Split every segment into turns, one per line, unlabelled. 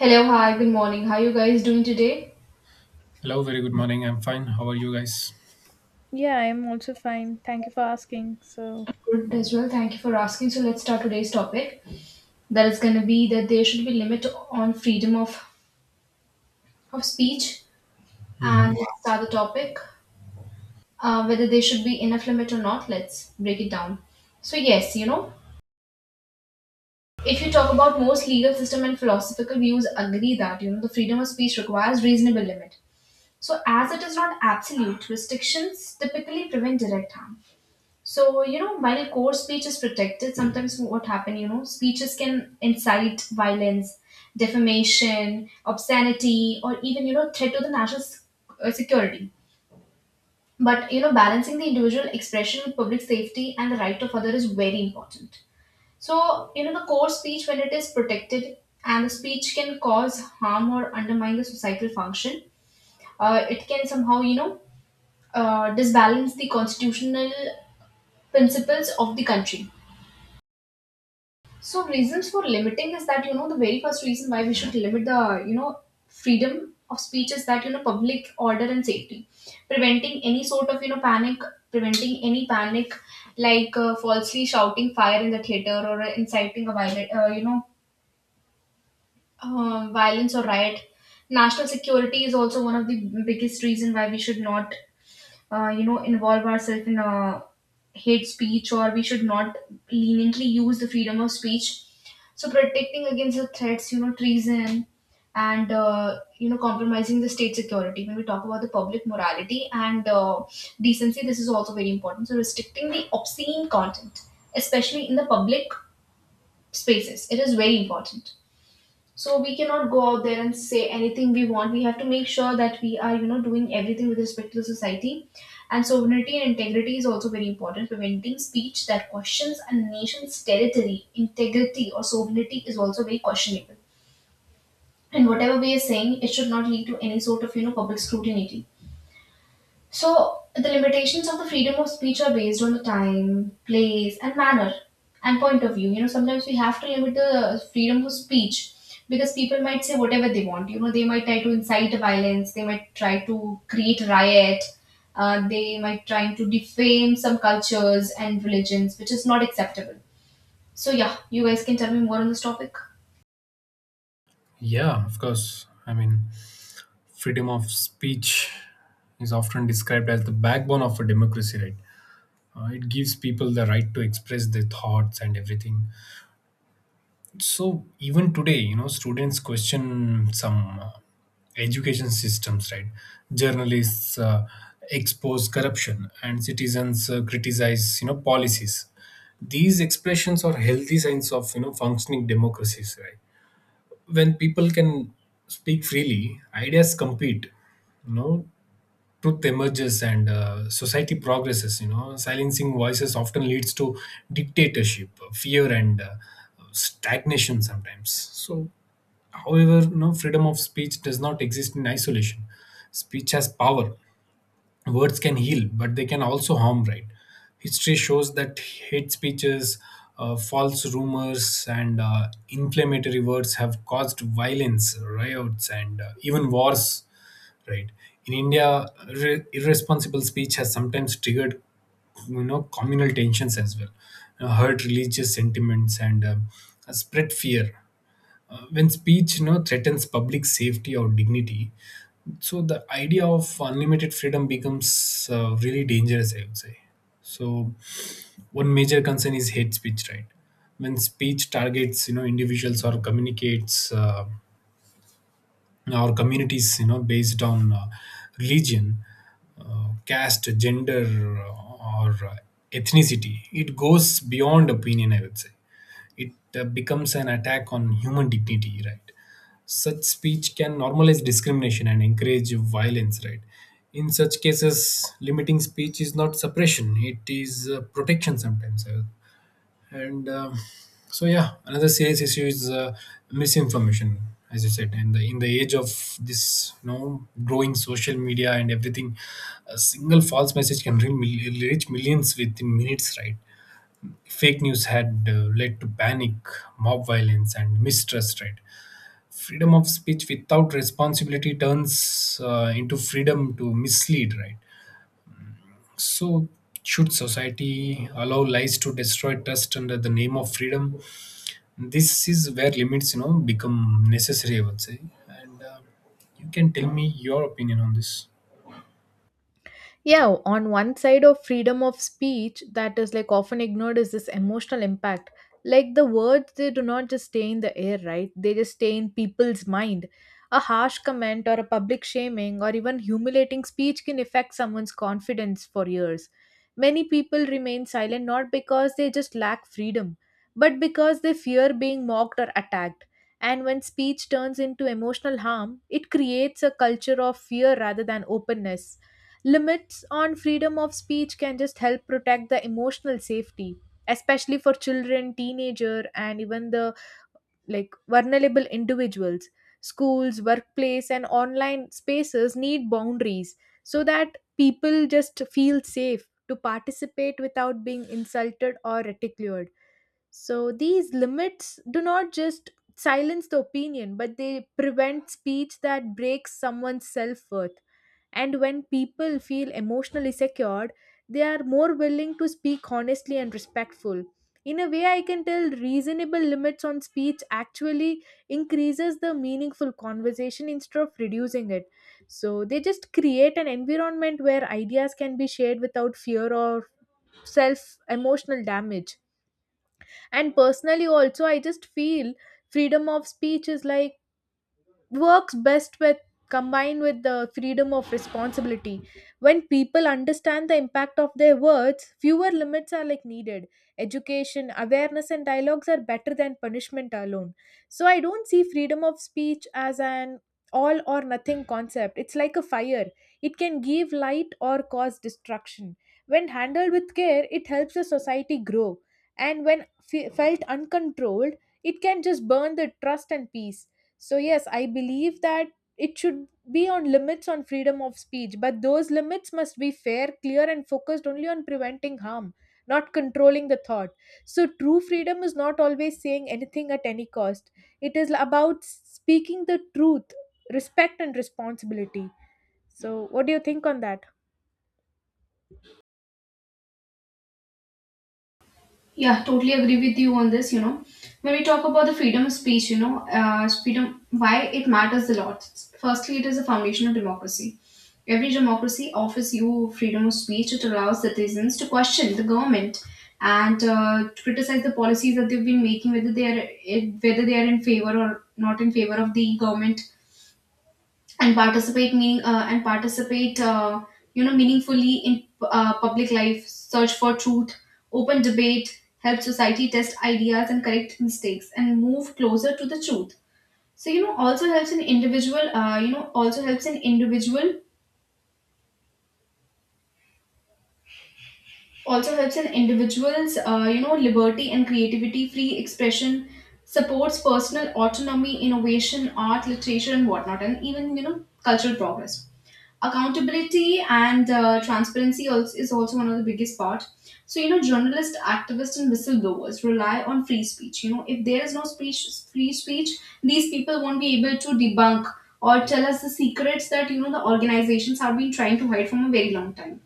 Hello, hi, good morning. How are you guys doing today?
Hello, very good morning. I'm fine. How are you guys?
Yeah, I'm also fine. Thank you for asking. So,
Good as well. Thank you for asking. So let's start today's topic. That is going to be that there should be limit on freedom of speech.
Hmm.
And let's start the topic. Whether there should be enough limit or not, let's break it down. So yes, if you talk about most legal system and philosophical views, agree that you know the freedom of speech requires reasonable limit. So as it is not absolute, restrictions typically prevent direct harm. So, while core speech is protected, sometimes what happen, speeches can incite violence, defamation, obscenity, or even, threat to the security. But, balancing the individual expression with public safety and the right of other is very important. So, the core speech, when it is protected and the speech can cause harm or undermine the societal function, it can somehow, disbalance the constitutional principles of the country. So reasons for limiting is that you know the very first reason why we should limit the you know freedom of speech is that you know public order and safety, preventing any sort of you know preventing any panic, like falsely shouting fire in the theater, or inciting a violent violence or riot. National security is also one of the biggest reason why we should not you know involve ourselves in hate speech, or we should not leniently use the freedom of speech. So protecting against the threats, you know, treason, and you know compromising the state security. When we talk about the public morality and decency, this is also very important. So restricting the obscene content, especially in the public spaces, it is very important. So we cannot go out there and say anything we want. We have to make sure that we are, you know, doing everything with respect to the society. And sovereignty and integrity is also very important. Preventing speech that questions a nation's territory, integrity, or sovereignty is also very questionable. And whatever we are saying, it should not lead to any sort of, you know, public scrutiny. So, the limitations of the freedom of speech are based on the time, place, and manner and point of view. You know, sometimes we have to limit the freedom of speech because people might say whatever they want. You know, they might try to incite violence, they might try to create riot, they might try to defame some cultures and religions, which is not acceptable. So, yeah, you guys can tell me more on this topic.
Yeah, of course. I mean, freedom of speech is often described as the backbone of a democracy, right? It gives people the right to express their thoughts and everything. So, even today, students question some education systems, right? Journalists expose corruption and citizens criticize, policies. These expressions are healthy signs of, functioning democracies, right? When people can speak freely, ideas compete, you know, truth emerges and society progresses. Silencing voices often leads to dictatorship, fear and stagnation sometimes. So, however, freedom of speech does not exist in isolation. Speech has power. Words can heal, but they can also harm, right? History shows that hate speeches, false rumors, and inflammatory words have caused violence, riots, and even wars, right? In India, irresponsible speech has sometimes triggered, communal tensions as well, hurt religious sentiments, and spread fear. When speech, threatens public safety or dignity, so the idea of unlimited freedom becomes really dangerous, I would say. So one major concern is hate speech, right? When speech targets, individuals or communicates our communities, based on religion, caste, gender, or ethnicity, it goes beyond opinion, I would say. It becomes an attack on human dignity, right? Such speech can normalize discrimination and encourage violence, right? In such cases, limiting speech is not suppression, it is protection sometimes. And So yeah, another serious issue is misinformation, as you said. In the age of this, growing social media and everything, a single false message can reach millions within minutes, right? Fake news had led to panic, mob violence, and mistrust. Right? Freedom of speech without responsibility turns into freedom to mislead. Right? So, should society allow lies to destroy trust under the name of freedom? This is where limits, become necessary, I would say. And You can tell me your opinion on this.
yeah, on one side of freedom of speech that is like often ignored is this emotional impact. Like, the words, they do not just stay in the air, right? They just stay in people's mind. A harsh comment or a public shaming or even humiliating speech can affect someone's confidence for years. Many people remain silent not because they just lack freedom, but because they fear being mocked or attacked. And when speech turns into emotional harm, it creates a culture of fear rather than openness. Limits on freedom of speech can just help protect the emotional safety, especially for children, teenager, and even the like vulnerable individuals. Schools, workplace, and online spaces need boundaries so that people just feel safe to participate without being insulted or ridiculed. So these limits do not just silence the opinion, but they prevent speech that breaks someone's self worth. And when people feel emotionally secured, they are more willing to speak honestly and respectful. In a way, I can tell reasonable limits on speech actually increases the meaningful conversation instead of reducing it. So they just create an environment where ideas can be shared without fear or self emotional damage. And personally, also, I just feel freedom of speech is like works best with combined with the freedom of responsibility. When people understand the impact of their words, fewer limits are like needed. Education, awareness, and dialogues are better than punishment alone. So I don't see freedom of speech as an all or nothing concept. It's like a fire. It can give light or cause destruction. When handled with care, it helps the society grow, and when felt uncontrolled, it can just burn the trust and peace. So, yes, I believe that it should be on limits on freedom of speech, but those limits must be fair, clear, and focused only on preventing harm, not controlling the thought. So, true freedom is not always saying anything at any cost, it is about speaking the truth, respect, and responsibility. So, what do you think on that?
Yeah, totally agree with you on this. You know, when we talk about the freedom of speech, freedom, why it matters a lot. Firstly, it is a foundation of democracy. Every democracy offers you freedom of speech. It allows citizens to question the government and to criticize the policies that they've been making, whether they are whether they are in favor or not in favor of the government, and participate meaning and participate you know meaningfully in public life. Search for truth, open debate help society test ideas and correct mistakes and move closer to the truth. So you know also helps an individual's you know liberty and creativity. Free expression supports personal autonomy, innovation, art, literature, and whatnot, and even you know cultural progress. Accountability and transparency also is also one of the biggest part. So you know journalists, activists, and whistleblowers rely on free speech. You know, if there is no speech free speech, these people won't be able to debunk or tell us the secrets that you know the organizations have been trying to hide from a very long time.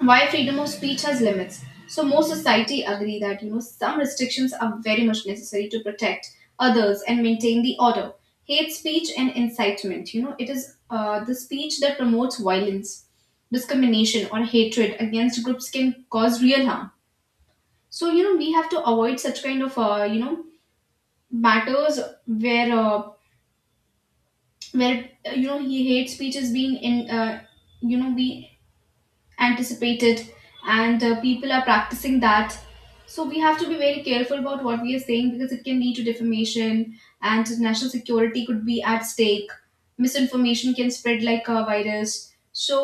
Why freedom of speech has limits? So most society agree that you know some restrictions are very much necessary to protect others and maintain the order. Hate speech and incitement, you know, it is the speech that promotes violence, discrimination, or hatred against groups, can cause real harm. So you know we have to avoid such kind of you know matters where uh, where you know he hate speech is being in you know be anticipated, and people are practicing that. So we have to be very careful about what we are saying because it can lead to defamation, and national security could be at stake. Misinformation can spread like a virus. So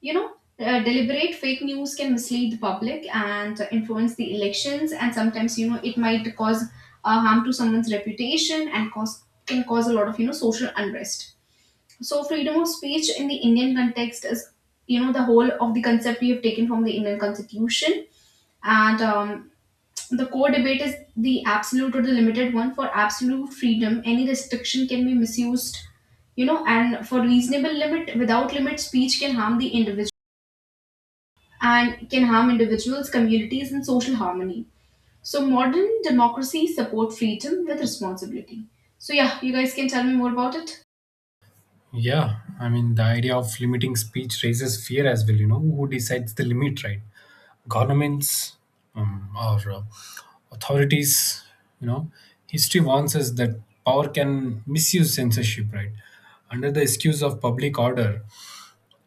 you know deliberate fake news can mislead the public and influence the elections, and sometimes you know it might cause harm to someone's reputation, and cause can cause a lot of you know social unrest. So freedom of speech in the Indian context is, you know, the whole of the concept we have taken from the Indian Constitution. And the core debate is the absolute or the limited one. For absolute freedom, any restriction can be misused, you know, and for reasonable limit, without limit, speech can harm individuals, communities, and social harmony. So modern democracies support freedom with responsibility. So yeah, you guys can tell me more about it.
Yeah, I mean, the idea of limiting speech raises fear as well. You know, who decides the limit, right? Governments, or authorities, you know. History warns us that power can misuse censorship, right? Under the excuse of public order,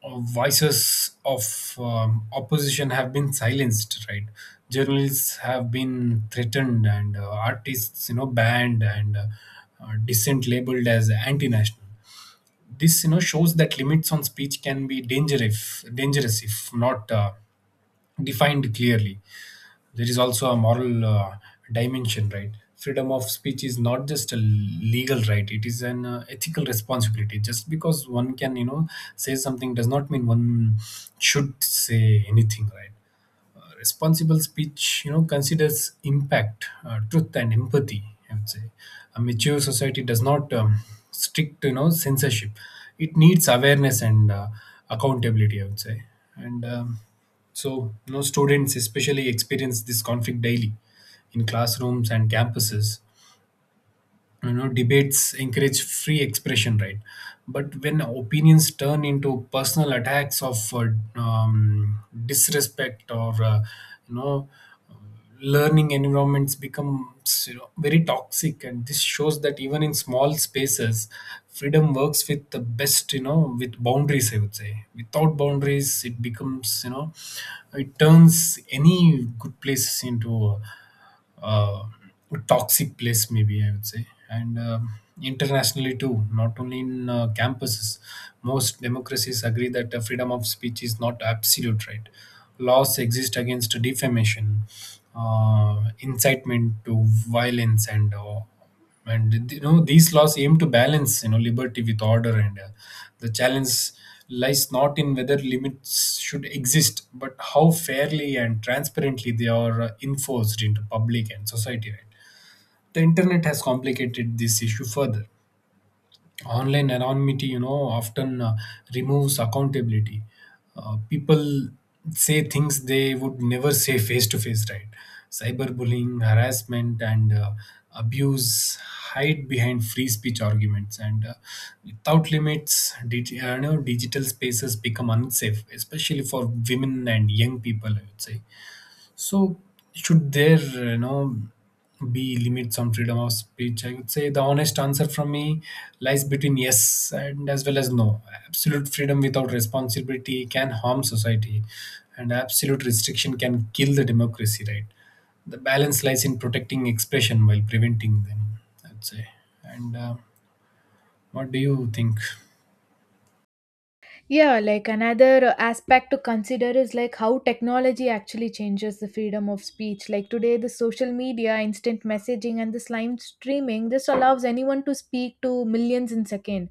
voices of opposition have been silenced, right? Journalists have been threatened and artists, you know, banned, and dissent labeled as anti-national. This, you know, shows that limits on speech can be dangerous, if not defined clearly. There is also a moral dimension, right? Freedom of speech is not just a legal right, it is an ethical responsibility. Just because one can, you know, say something, does not mean one should say anything, right? Responsible speech, you know, considers impact, truth and empathy, I would say. A mature society does not stick, you know, censorship. It needs awareness and accountability, I would say. And So you know, students especially experience this conflict daily in classrooms and campuses. You know, debates encourage free expression, right? But when opinions turn into personal attacks of um, disrespect or you know learning environments becomes, you know, very toxic. And this shows that even in small spaces, freedom works with the best, you know, with boundaries, I would say. Without boundaries, it becomes, you know, it turns any good place into uh, toxic place, maybe, I would say. And Internationally too, not only in campuses, most democracies agree that the freedom of speech is not absolute, right? Laws exist against defamation, incitement to violence, and you know, these laws aim to balance, you know, liberty with order, and the challenge lies not in whether limits should exist, but how fairly and transparently they are enforced into public and society, right? The internet has complicated this issue further. Online anonymity, you know, often removes accountability. People say things they would never say face to face, right? Cyberbullying, harassment and abuse hide behind free speech arguments, and without limits, digital spaces become unsafe, especially for women and young people, I would say. So, should there, be limits on freedom of speech? I would say the honest answer from me lies between yes and as well as no. Absolute freedom without responsibility can harm society, and absolute restriction can kill the democracy. Right. The balance lies in protecting expression while preventing them. I'd say. And what do you think?
Yeah, like another aspect to consider is like how technology actually changes the freedom of speech. Like today, the social media, instant messaging, and this live streaming, this allows anyone to speak to millions in second.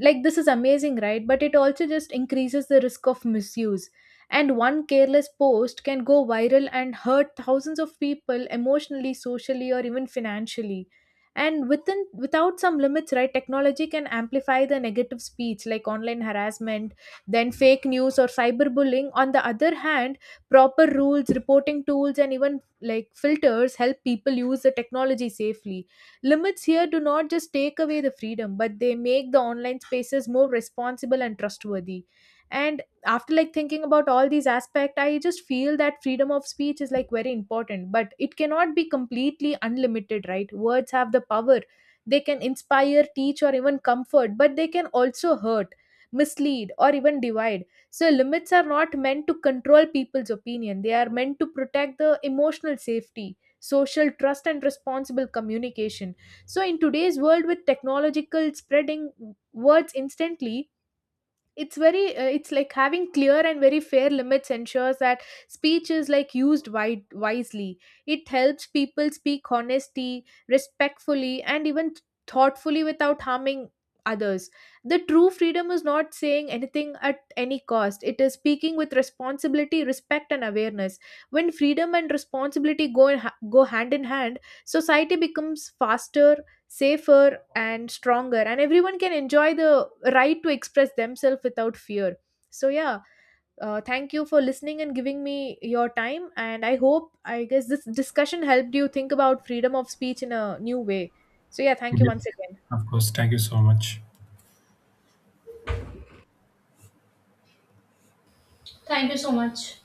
Like, this is amazing, right? But it also just increases the risk of misuse. And one careless post can go viral and hurt thousands of people emotionally, socially, or even financially. And within without some limits, right, technology can amplify the negative speech like online harassment, then fake news or cyberbullying. On the other hand, proper rules, reporting tools, and even like filters help people use the technology safely. Limits here do not just take away the freedom, but they make the online spaces more responsible and trustworthy. And after like thinking about all these aspects, I just feel that freedom of speech is like very important, but it cannot be completely unlimited, right? Words have the power. They can inspire, teach, or even comfort, but they can also hurt, mislead, or even divide. So limits are not meant to control people's opinion. They are meant to protect the emotional safety, social trust, and responsible communication. So, in today's world with technological spreading words instantly, it's very it's like having clear and very fair limits ensures that speech is like used wisely. It helps people speak honesty, respectfully, and even thoughtfully without harming others. The true freedom is not saying anything at any cost, it is speaking with responsibility, respect, and awareness. When freedom and responsibility go hand in hand, society becomes faster, safer, and stronger, and everyone can enjoy the right to express themselves without fear. So yeah, thank you for listening and giving me your time, and I hope I guess this discussion helped you think about freedom of speech in a new way. So yeah, thank you once
Yes,
again.
of course. Thank you so much.
Thank you so much.